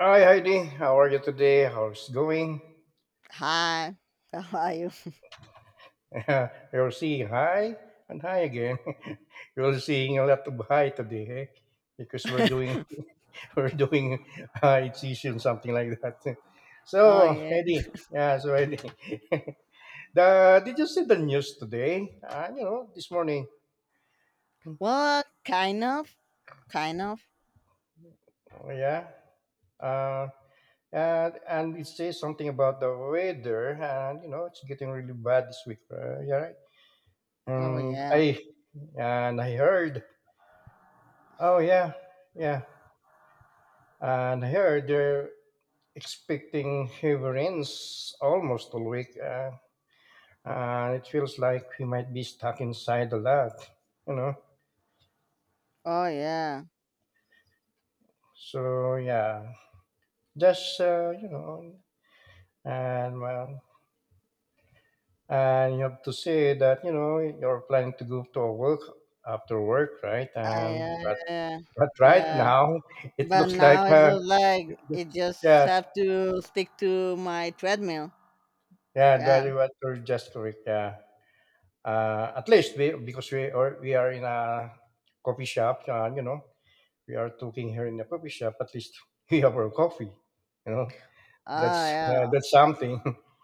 Hi Heidi, how are you today? How's going? Hi, how are you? You're seeing hi and hi again. You're seeing a lot of hi today, eh? Because we're doing we're doing hi session something like that. Oh So yeah. Heidi, yeah, so Heidi, the did you see the news today? You know, this morning. Well, kind of, kind of. Oh, yeah. Uh, and it says something about the weather, and you know, it's getting really bad this week. Yeah, right. Oh And yeah. I And I heard, oh yeah, yeah. And I heard they're expecting heavy rains almost all week. And it feels like we might be stuck inside a lot, you know. Oh yeah. So yeah, just you know, and well, and you have to say that you know you're planning to go to a work after work, right? I, And yeah, yeah, but right yeah. now it But looks like now it looks like it just yeah, have to stick to my treadmill. yeah, that Yeah. is what you're just correct. Yeah. At least we, because we are in a coffee shop, you know, we are talking here in the coffee shop. At least we have our coffee, you know. Oh That's yeah, yeah. that's something.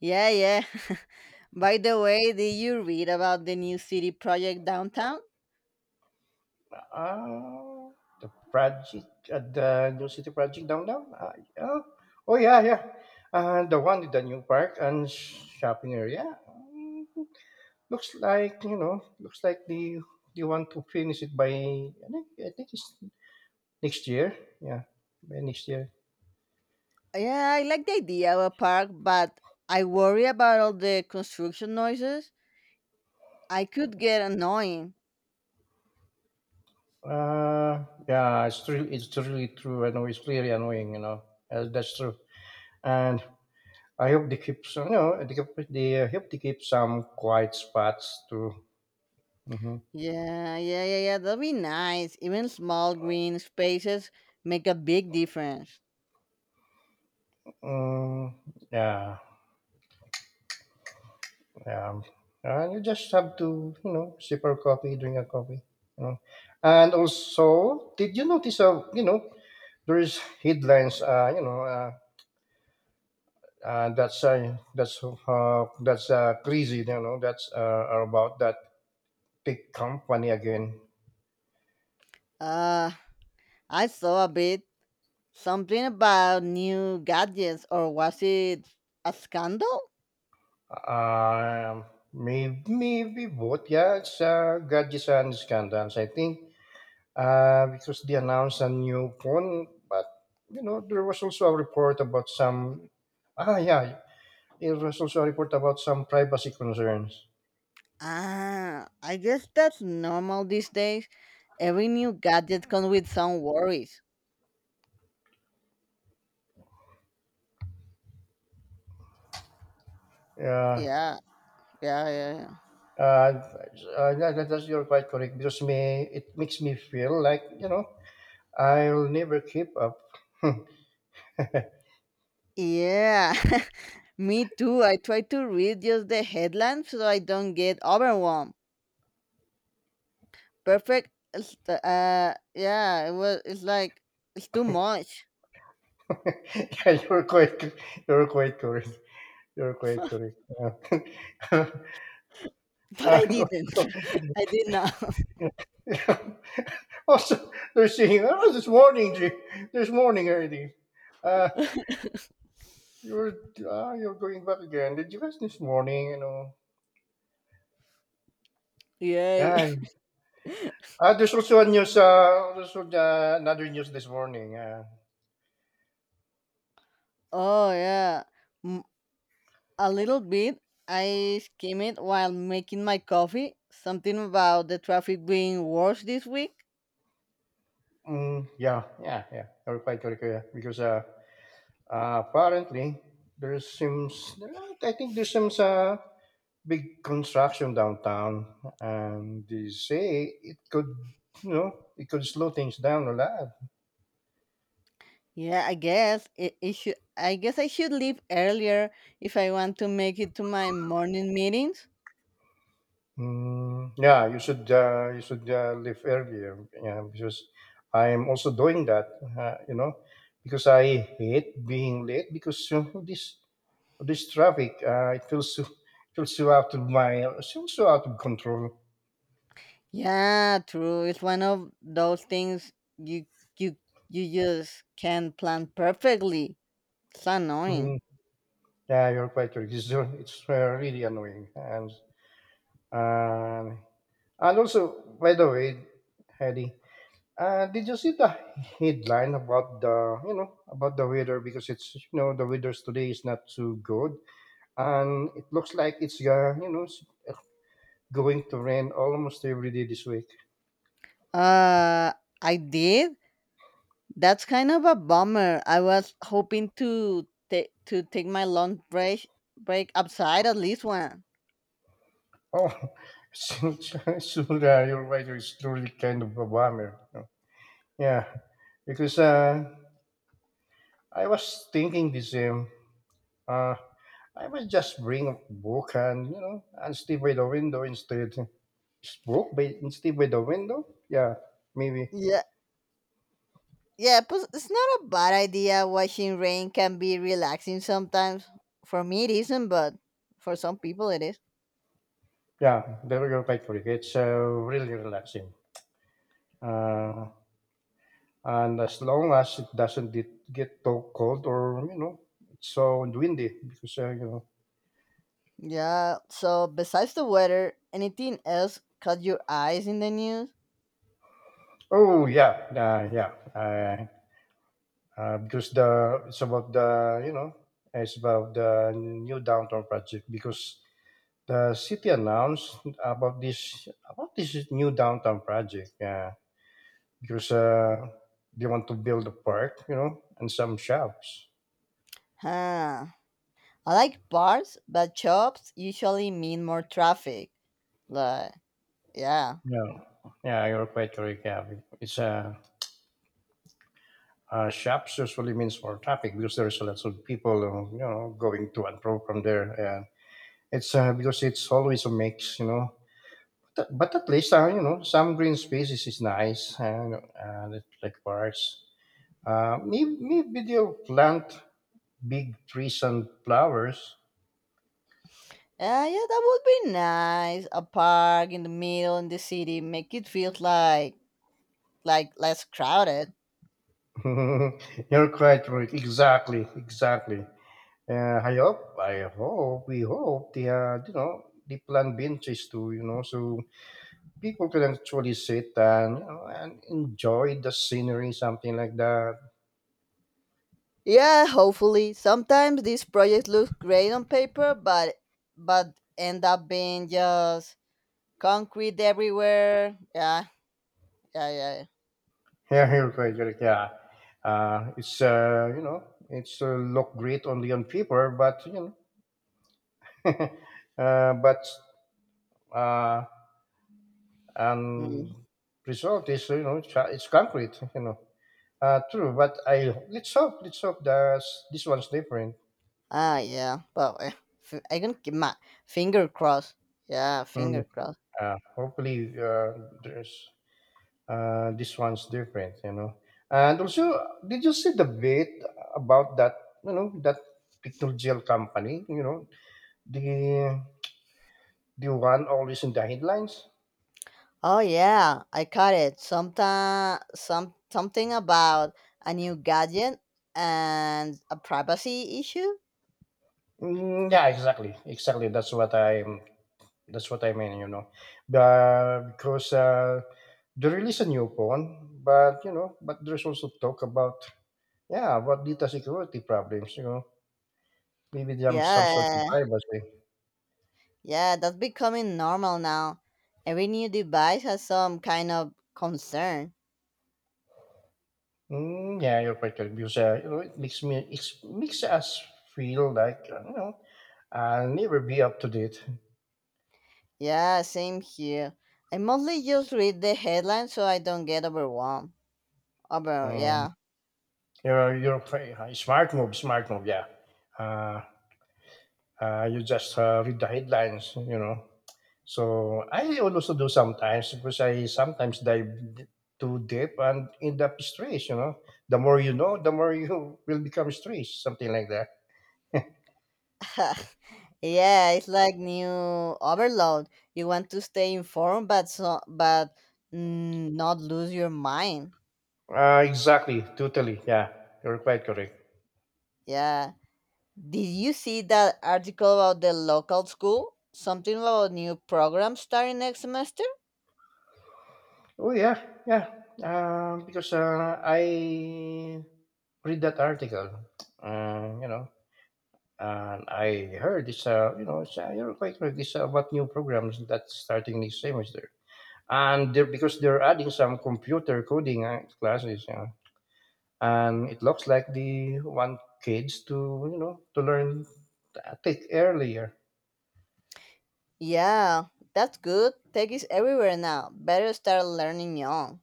Yeah, yeah. By the way, did you read about the new city project downtown? The project at the New City Project downtown. Oh, oh yeah, yeah. The one in the new park and shopping area. Looks like you know, looks like they want to finish it by. I think it's next year. Yeah, by next year. Yeah, I like the idea of a park, but I worry about all the construction noises. I could get annoying. Yeah, it's true. It's really true. I know it's really annoying. You know, that's true. And I hope they keep some. You know, they, keep, they hope they keep some quiet spots too. Hmm. Yeah. That'd be nice. Even small green spaces make a big difference. Mm, yeah, yeah. And you just have to, you know, sip our coffee, drink a coffee. You know, and also, did you notice? You know, there is headlines. You know, that's crazy. You know, that's are about that big company again. Uh, I saw a bit something about new gadgets, or was it a scandal? Um, maybe, maybe both. Yeah, it's gadgets and scandals. I think because they announced a new phone, but you know there was also a report about some. Ah, yeah, there was also a report about some privacy concerns. Ah, I guess that's normal these days. Every new gadget comes with some worries. Yeah. Yeah, yeah. Uh, uh, that's you're quite correct because me it makes me feel like you know I'll never keep up. Yeah, me too. I try to read just the headlines so I don't get overwhelmed. Perfect. It's the yeah, it was it's like it's too much. Yeah, you're quite correct. You're quite correct. But I and didn't. also, I did not. also, they're saying, oh, this morning, Jay. This morning already. Uh, you're, ah, you're going back again. Did you guys this morning, you know? Yay. Yan. Ah, there's also a news, there's another news this morning. Oh yeah. Mm, a little bit. I skim it while making my coffee. Something about the traffic being worse this week. Mm, yeah, yeah, yeah. You're quite correct, yeah. Because apparently, there seems, I think there seems, big construction downtown, and they say it could, you know, it could slow things down a lot. Yeah, I guess it should. I guess I should leave earlier if I want to make it to my morning meetings. Mm, yeah, you should leave earlier. Yeah, because I'm also doing that. You know, because I hate being late because you know, this traffic it feels so out of my it feels so out of control. Yeah, true. It's one of those things you you you just can't plan perfectly. It's Mm, annoying. yeah, you're quite right. It's really annoying and. Uh, And also, by the way, Eddie, did you see the headline about the you know about the weather? Because it's you know the weather today is not too good, and it looks like it's going to rain almost every day this week. Uh, I did. That's kind of a bummer. I was hoping to take my lunch break outside at least one. Oh, so, so your weather is truly kind of a bummer, you know. Yeah, because I was thinking the same. Uh, I might just bring a book and you know and sleep by the window instead. Book by sleep by the window. Yeah, maybe. Yeah, yeah. But it's not a bad idea. Watching rain can be relaxing sometimes. For me, it isn't, but for some people, it is. Yeah, there you go. Quite quick. It's really relaxing. Uh, and as long as it doesn't get too cold or you know it's so windy because you know. Yeah, so besides the weather, anything else caught your eyes in the news? Oh yeah, yeah. Because the it's about the you know it's about the new downtown project because the city announced about this new downtown project. Yeah, because they want to build a park, you know, and some shops. Huh. I like bars, but shops usually mean more traffic. Like, yeah. Yeah, yeah, you're quite correct. Yeah, it's shops usually means more traffic because there's lots of people, you know, going to and fro from there. And it's because it's always a mix, you know. But at least you know some green spaces is nice, and like parks. Maybe, maybe they'll plant big trees and flowers. Yeah, yeah, that would be nice. A park in the middle in the city make it feel like less crowded. You're quite right. Exactly, exactly. We hope they, you know, they plant benches too, you know, so people can actually sit and, you know, and enjoy the scenery, something like that. Yeah, hopefully. Sometimes these projects look great on paper, but end up being just concrete everywhere. Yeah, yeah, yeah. Yeah, you're quite correct. Yeah. You know, it's look great only on paper, but, you know, uh, but, uh, Yeah. Mm. and result is, you know, it's concrete, you know. True, but I let's hope that this one's different. Ah, yeah. Well, eh, f- I can keep my finger crossed. Yeah, Mm. finger crossed. Hopefully, there's this one's different, you know. And also, did you see the bit about that? You know that pictorial company. You know the the one always in the headlines. Oh yeah, I caught it. Sometime, some something about a new gadget and a privacy issue. Mm, yeah, exactly, exactly. That's what I'm. That's what I mean. You know, but because they release a new phone, but you know, but there's also talk about yeah, about data security problems, you know, maybe they have some sort of Yeah, privacy. yeah, that's becoming normal now. Every new device has some kind of concern. Mm, yeah, you're quite correct because you know it makes me it makes us feel like you know I'll never be up to date. Yeah, same here. I mostly just read the headlines so I don't get overwhelmed. Over, Mm, yeah. Smart move, smart move. Yeah, uh, you just read the headlines, you know. So I also do sometimes because I sometimes d- too deep and end up stressed. You know, the more you know, the more you will become stressed, something like that. Yeah, it's like new overload. You want to stay informed, but so but not lose your mind. Exactly, totally. Yeah, you're quite correct. Yeah. Did you see that article about the local school? Something about new program starting next semester? Oh yeah, yeah. Because I read that article, you know, and I heard it's you know, it's, you're quite correct. It's about new programs that's starting this semester, and they're, because they're adding some computer coding classes, yeah, and it looks like they want kids to you know to learn tech earlier. Yeah, that's good. Tech is everywhere now. Better start learning young.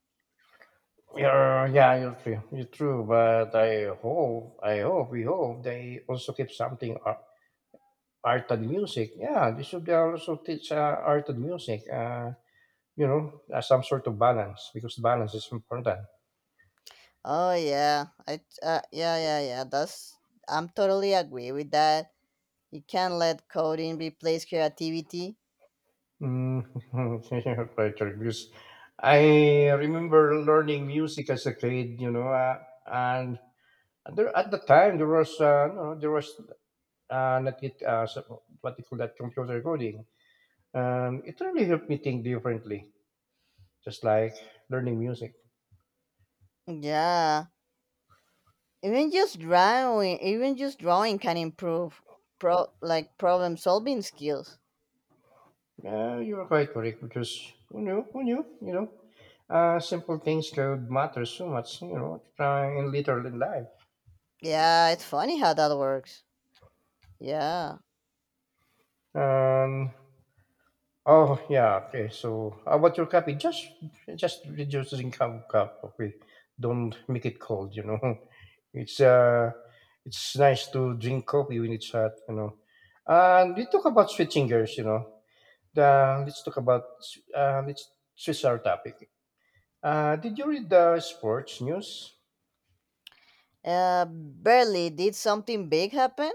Yeah, yeah, you're true. You're true, but we hope they also keep something art and music. Yeah, they should also teach art and music. Some sort of balance because balance is important. Oh yeah, I yeah yeah yeah. That's I'm totally agree with that. You can't let coding replace creativity. Mm, quite true, because I remember learning music as a kid. You know, and there at the time there was, there was not yet what they call that computer coding. It really helped me think differently just like learning music. Yeah. Even just drawing can improve pro like problem solving skills. Yeah, you are quite correct because who knew? Who knew? You know, simple things could matter so much. You know, in literal in life. Yeah, it's funny how that works. Yeah. Um. Oh yeah. Okay. So how about your coffee? Just reducing cup cup. Okay. Don't make it cold. You know, it's uh, it's nice to drink coffee when it's hot. You know, and we talk about switching gears. You know, the, let's talk about s- let's switch our topic. Did you read the sports news? Uh, barely. Did something big happen?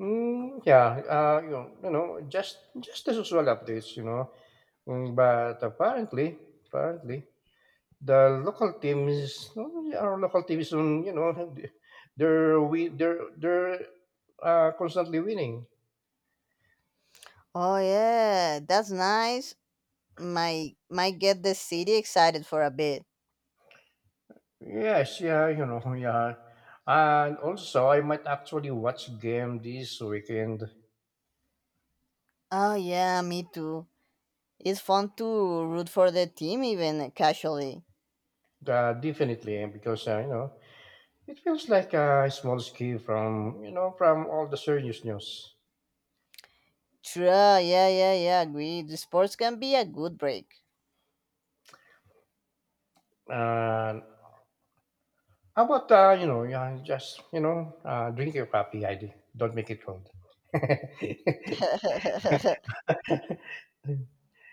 Mm, yeah, you know, just the usual updates, you know. Mm, but apparently, the local teams, no, our local teams, you know, they're we they're constantly winning. Oh yeah, that's nice. Might get the city excited for a bit. Yes, yeah, you know, yeah. And also, I might actually watch game this weekend. Oh yeah, me too. It's fun to root for the team even casually. Definitely, because you know, it feels like a small escape from you know from all the serious news. True. Yeah, yeah, yeah, agree the sports can be a good break. And how about you know yeah, just you know drink your coffee, ID. Don't make it cold.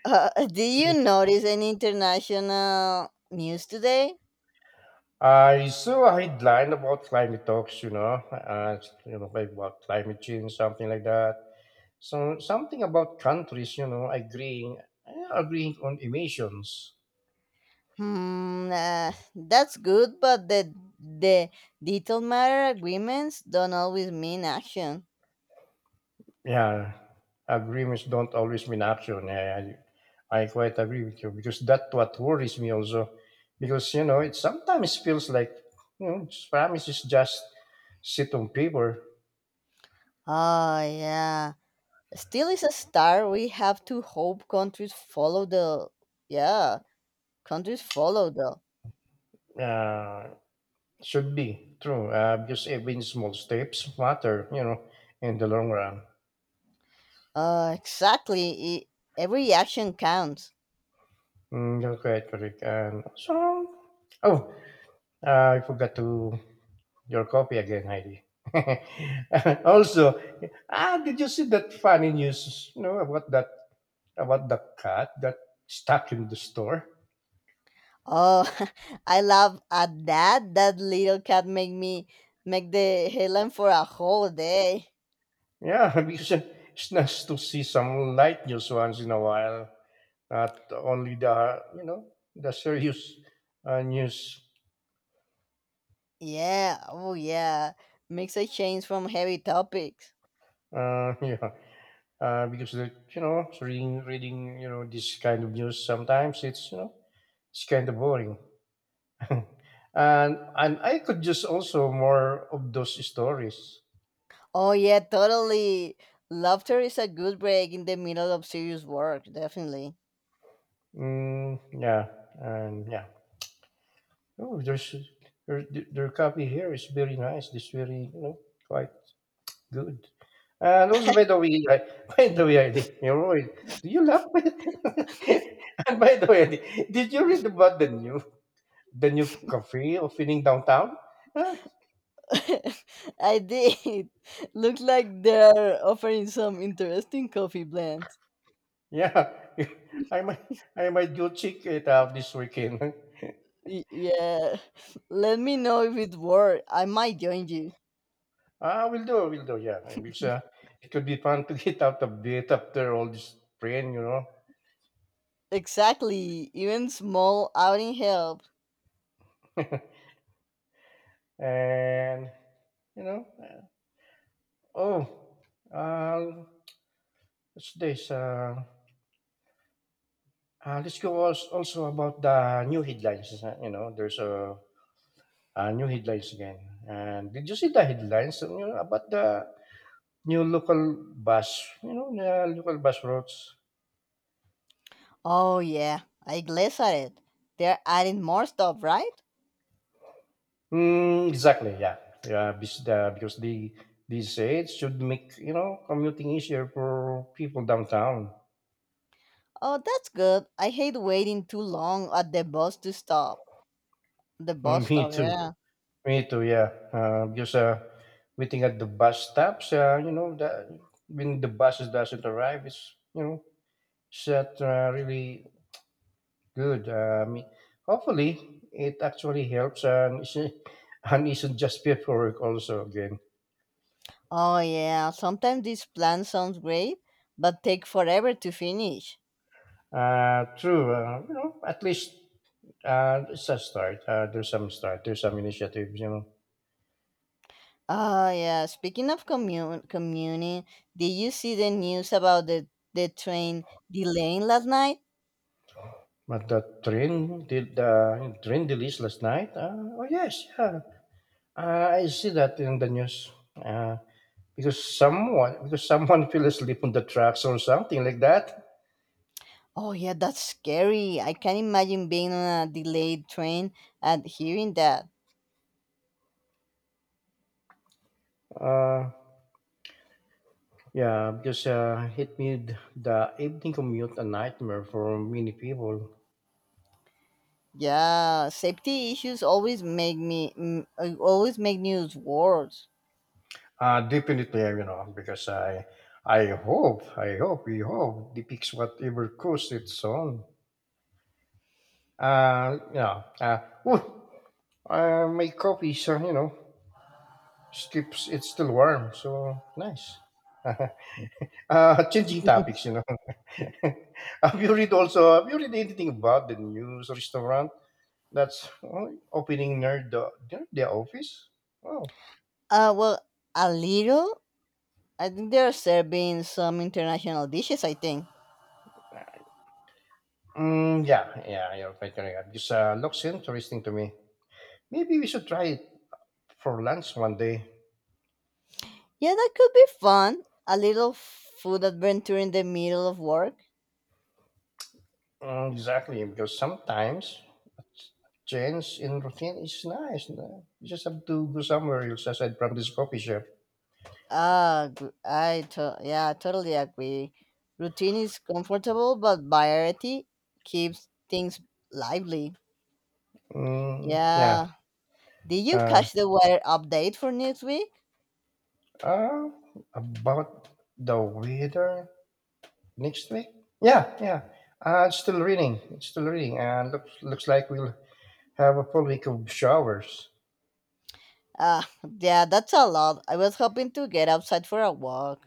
Do you notice any international news today? I saw a headline about climate talks, you know, like about climate change, something like that. So something about countries, you know, agreeing on emissions. Hmm, that's good, but the detail matter agreements don't always mean action. Yeah, agreements don't always mean action. I quite agree with you because that's what worries me also. Because you know, it sometimes feels like you know, promises just sit on paper. Oh yeah, still is a star. We have to hope countries follow the yeah countries follow the Uh, should be true. Because even small steps matter. You know, in the long run. Exactly. E- every action counts. Mm, you're quite correct. And so, oh, I forgot to your copy again, Heidi. also, ah, did you see that funny news? You know about that about the cat that stuck in the store? Oh, I love at that. That little cat make me make the headline for a whole day. Yeah, because it's nice to see some light news once in a while. Not only the you know the serious news. Yeah, oh yeah. Makes a change from heavy topics. Yeah, because the, you know reading this kind of news sometimes it's you know it's kind of boring. Mm. And I could just also more of those stories. Oh yeah, totally. Laughter is a good break in the middle of serious work, definitely. Mm, yeah, yeah. Oh, there's their coffee here is very nice. It's very quite good. And also, by the way, by the way, I think, do you laugh? And by the way, I think, did you read about the new cafe opening downtown? Huh? I did. Look like they're offering some interesting coffee blends. Yeah, I might I might go check it out this weekend. Y- yeah. Let me know if it works. I might join you. Ah, will do, yeah. Because it could be fun to get out a bit after all this strain, Exactly. Even small outing helps. And you know, uh, oh, uh, what's this? Let's go also about the new headlines. You know, there's new headlines again. And did you see the headlines? You know, about the new local bus. You know, the local bus routes. Oh yeah, I glanced at it. They're adding more stuff, right? Mm, exactly. Yeah. Yeah. Because these aids should make commuting easier for people downtown. Oh, that's good. I hate waiting too long at the bus to stop. The bus Mm, me stop, too. yeah. Me too. Yeah. Because waiting at the bus stops, you know, that when the buses doesn't arrive, it's not really good. I mean, hopefully, it actually helps and isn't, and isn't just paperwork. Also, again, Oh, yeah. Sometimes this plan sounds great, but take forever to finish. True. You know, at least it's a start. There's some initiatives, you know. Oh, yeah. Speaking of commun- commuting, did you see the news about the train delaying last night? But the train did the train release last night. Oh yes, yeah. I see that in the news. Because someone fell asleep on the tracks or something like that. Oh, yeah, that's scary. I can't imagine being on a delayed train and hearing that. Uh, yeah, because it made the evening commute a nightmare for many people. Yeah, safety issues always make me always make news worse. Definitely, you know, because I hope we hope depicts whatever course it's on. Uh, yeah. Uh, oh, my coffee is, skips. It's still warm, so nice. Changing topics, you know. have you read also? Have you read anything about the news restaurant that's oh, opening near the office? Oh, Well, a little. I think they're serving some international dishes, I think. mm, yeah, yeah, you're quite correct. This looks interesting to me. Maybe we should try it for lunch one day. Yeah, that could be fun. A little food adventure in the middle of work. Mm, exactly, because sometimes a change in routine is nice. No? You just have to go somewhere else aside from this coffee shop. Yeah, I totally agree. Routine is comfortable, but variety keeps things lively. Mm, yeah. Yeah. Did you Uh, catch the weather update for next week? uh, about the weather next week? Yeah, yeah. It's still raining. And looks like we'll have a full week of showers. Ah, yeah, that's a lot. I was hoping to get outside for a walk.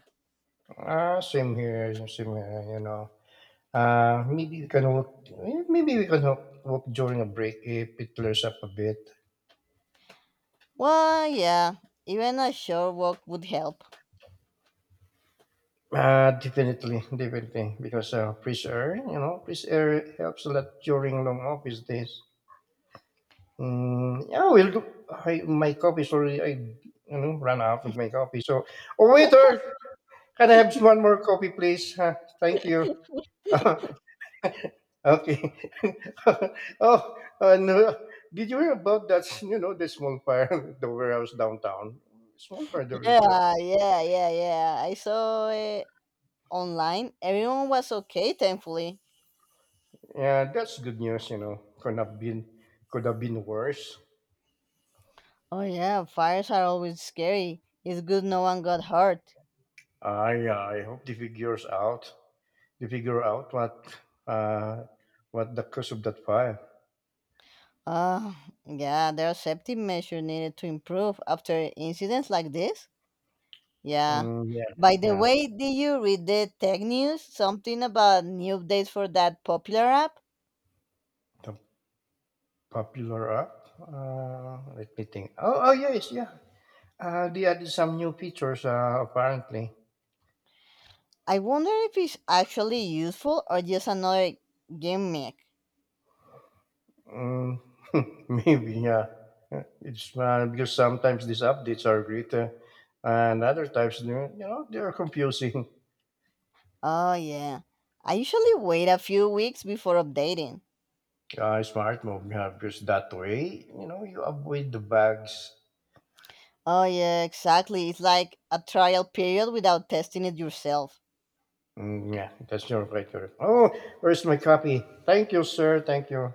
Same here. Same here. You know. Uh, maybe we can walk. Maybe we can walk, walk during a break if it clears up a bit. Well, yeah, even a short walk would help. Definitely, definitely, because fresh air, fresh air helps a lot during long office days. Mm, yeah, we'll do. My coffee, sorry, I ran out of my coffee. So, oh waiter, can I have one more coffee, please? Huh, thank you. Okay. Oh, no. Did you hear about that? You know, the small fire, the warehouse downtown. Small fire, there is that. Yeah. I saw it online. Everyone was okay, thankfully. Yeah, that's good news. You know, could have been worse. Oh yeah, fires are always scary. It's good no one got hurt. I hope they figure out uh what the cause of that fire. Ah, yeah, there are safety measures needed to improve after incidents like this. Yeah. Mm, yeah, By the yeah. way, did you read the tech news? Something about new updates for that popular app? The popular app. Let me think. Oh, oh yes, yeah. They added some new features. Apparently. I wonder if it's actually useful or just another gimmick. Mm, maybe yeah. It's because sometimes these updates are great, and other times they are confusing. Oh, yeah. I usually wait a few weeks before updating. Smart move yeah, because that way you avoid the bugs. Oh, yeah, exactly. It's like a trial period without testing it yourself. Mm, yeah, that's your right. Right. Oh, where's my copy? Thank you, sir. Thank you.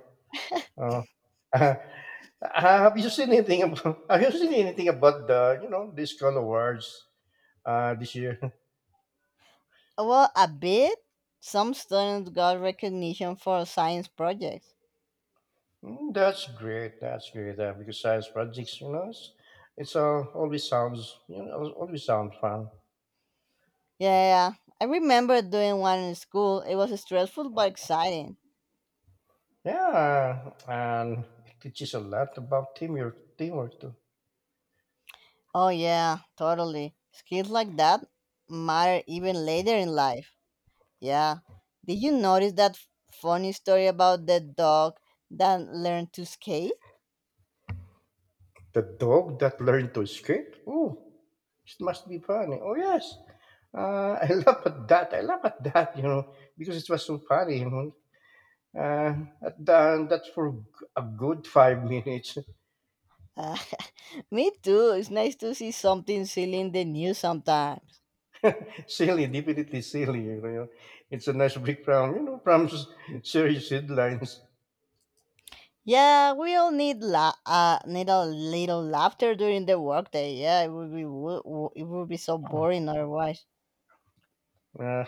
Uh, have you seen anything about? Have you seen anything about the these kind awards this year? Well, a bit. Some students got recognition for science projects. Mm, that's great. That's great. Because science projects, you know, it's always sounds always sounds fun. Yeah, I remember doing one in school. It was stressful but exciting. Yeah, and it teaches a lot about teamwork too. Oh, yeah, totally. Skills like that matter even later in life. Yeah. Did you notice that funny story about the dog that learned to skate? The dog that learned to escape? Oh, it must be funny. Oh, yes. I laugh at that. I laugh at that, you know, because it was so funny, you know. Uh, that's for a good 5 minutes. Me too. It's nice to see something silly in the news sometimes. Silly, definitely silly, you know. It's a nice break from, you know, from serious headlines. Yeah, we all need need a little laughter during the workday. Yeah, it would be it would be so boring otherwise. Uh,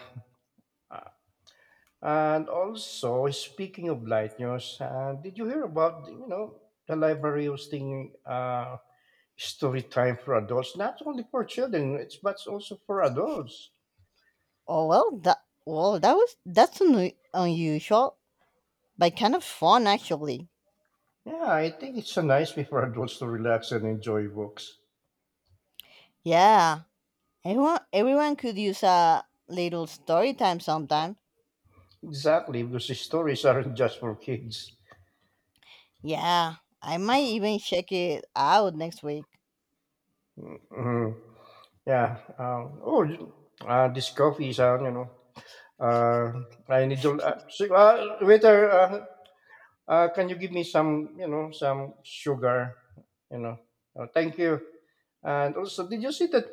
and also, speaking of light news, did you hear about, you know, the library hosting story time for adults, not only for children, it's but also for adults. Oh well, that well that was that's un- unusual, but kind of fun actually. Yeah, I think it's a nice way for adults to relax and enjoy books. Yeah, everyone could use a little story time sometime. Exactly, because the stories aren't just for kids. Yeah, I might even check it out next week. Mhm. Yeah. Oh, this coffee is, you know, I need to. So- waiter, can you give me some, some sugar? You know, oh, thank you. And also, did you see that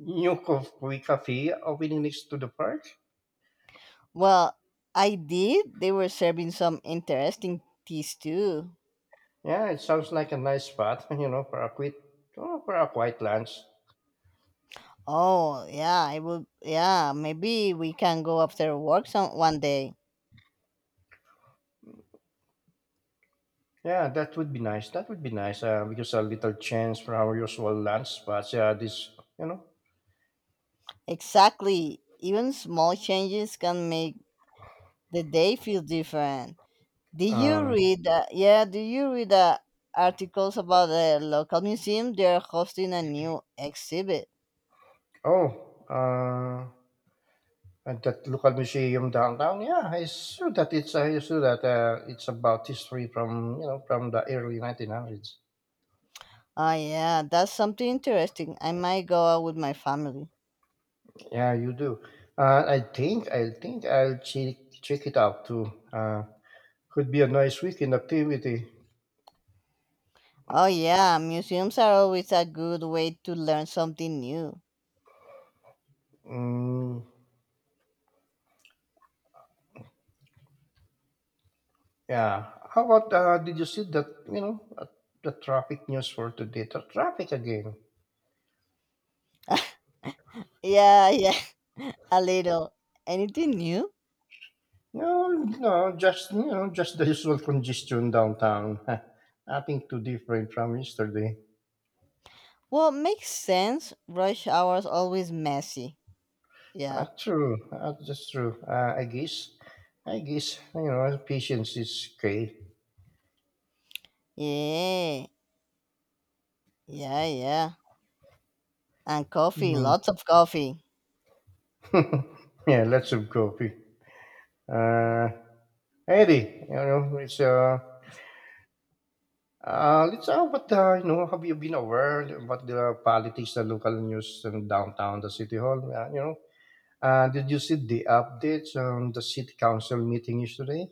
new coffee cafe opening next to the park? Well, I did. They were serving some interesting teas too. Yeah, it sounds like a nice spot, you know, for a quiet lunch. Oh, yeah, I would. Yeah, maybe we can go after work some one day. Yeah, that would be nice. That would be nice because a little change from our usual lunch spots. Yeah, this, you know. Exactly. Even small changes can make the day feel different. Did you Um, read? Yeah, did you read the articles about the local museum? They're hosting a new exhibit. oh, uh, and that local museum downtown. Yeah, I saw that. It's I saw that it's about history from from the early 1900s. Ah, yeah, that's something interesting. I might go out with my family. Yeah, you do. I think I'll check it out too. Could be a nice weekend activity. Oh yeah, museums are always a good way to learn something new. Mm, yeah. How about did you see that? You know, the traffic news for today. The traffic again. Yeah, yeah, a little. Anything new? No, no, just you know, just the usual congestion downtown. Nothing too different from yesterday. Well, makes sense. Rush hours always messy. Yeah. True. That's true. I guess you know, patience is key. Yeah. Yeah, yeah. And coffee, Mm. lots of coffee. Yeah, lots of coffee. Uh, Eddie, you know, it's let's talk about the, you know, have you been aware about the politics, the local news in downtown, the city hall? Did you see the updates on the city council meeting yesterday?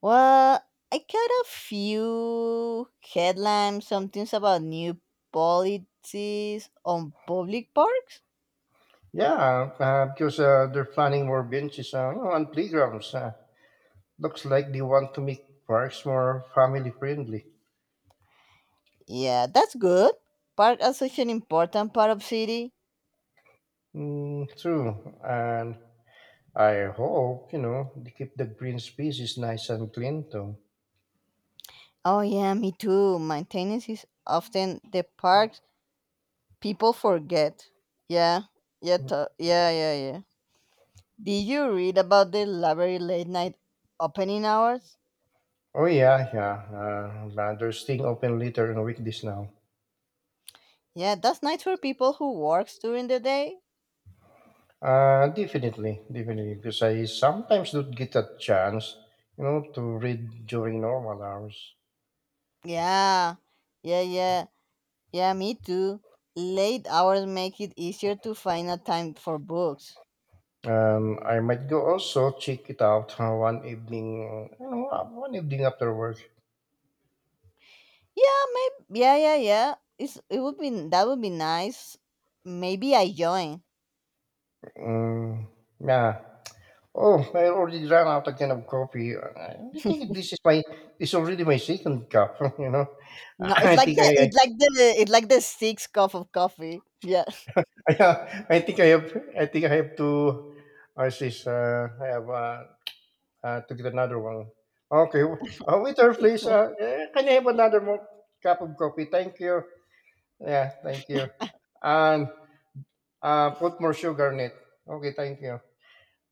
Well, I got a few headlines, some things about new policies on public parks. Yeah, because they're planning more benches you know, and playgrounds. Looks like they want to make parks more family friendly. Yeah, that's good. Park are such an important part of city. Mm, true, and I hope you know they keep the green spaces nice and clean too. Oh yeah, me too. Maintenance is often the part people forget. Yeah, yeah. Did you read about the library late night opening hours? Oh yeah, yeah. They're staying open later on weekdays now. Yeah, that's nice for people who works during the day. Definitely, definitely, because I sometimes don't get a chance, you know, to read during normal hours. Yeah, yeah, yeah, yeah. Me too. Late hours make it easier to find a time for books. I might go also check it out one evening after work. Yeah, maybe. Yeah, yeah, yeah. It would be that would be nice. Maybe I join. Um, yeah. Oh, I already ran out again of coffee. I think this is my, this is already my second cup. You know, No, it's I like think the 6th cup of coffee. Yeah. I, I think I have to. I have to get another one. Okay, waiter, please. Can I have another more cup of coffee? Thank you. Yeah, thank you. And put more sugar in it. Okay, thank you.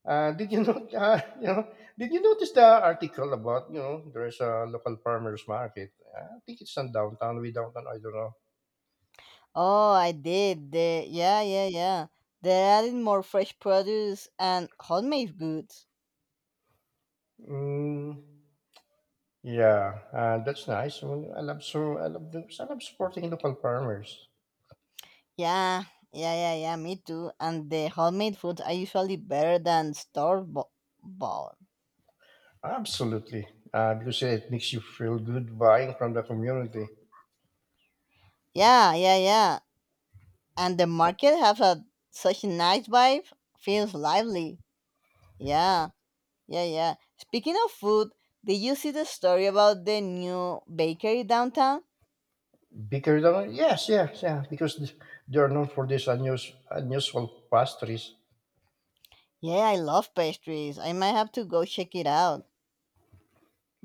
Did you not? You know, did you notice the article about you know there's a local farmers market? Ah, I think it's in downtown. We downtown. I don't know. Oh, I did. The yeah, yeah, yeah. They're adding more fresh produce and homemade goods. Mm, yeah, that's nice. Well, I love I love supporting local farmers. Yeah, yeah. Me too. And the homemade foods are usually better than store bought. Absolutely. Because yeah, it makes you feel good buying from the community. Yeah, yeah, yeah. And the market has a such a nice vibe. Feels lively. Yeah, yeah, yeah. Speaking of food, did you see the story about the new bakery downtown? Bigger than yes, yeah, yeah. Because they are known for these unusual pastries. Yeah, I love pastries. I might have to go check it out.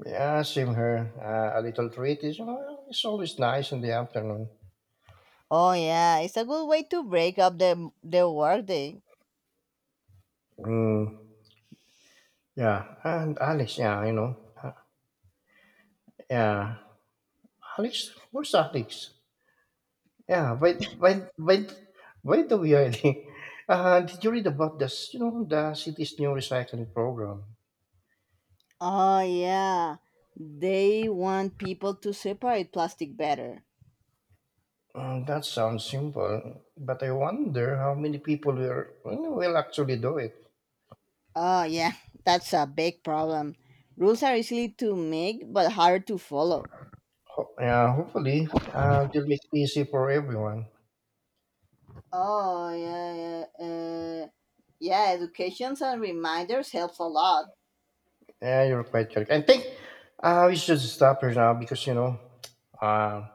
Yeah, same here. A little treat is you know, it's always nice in the afternoon. Oh yeah, it's a good way to break up the workday. Mm, yeah, and Alex, yeah, you know, uh, yeah, Alex, where's Alex? Yeah, by the way, did you read about this? You know, the city's new recycling program. Oh yeah, they want people to separate plastic better. Mm, that sounds simple, but I wonder how many people will will actually do it. Oh yeah, that's a big problem. Rules are easy to make but hard to follow. Yeah, hopefully, they'll make it easy for everyone. Oh yeah, yeah, uh, yeah. Educations and reminders helps a lot. Yeah, you're quite correct. I think we should stop here now because you know, uh,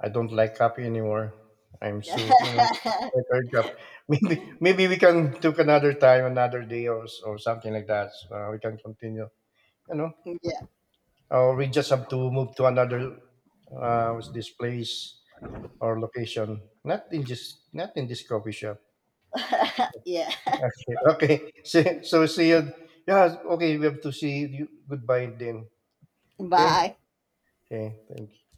I don't like coffee anymore. I'm Yeah, so you know, it's quite hard job. Maybe we can took another time, another day, or or something like that. So, we can continue. You know, or we just have to move to another what's this place or location. Not in just not in this coffee shop. yeah. Okay. Okay. So, so see you. Yeah. Okay. We have to see you. Goodbye then. Okay. Bye. Okay. Thank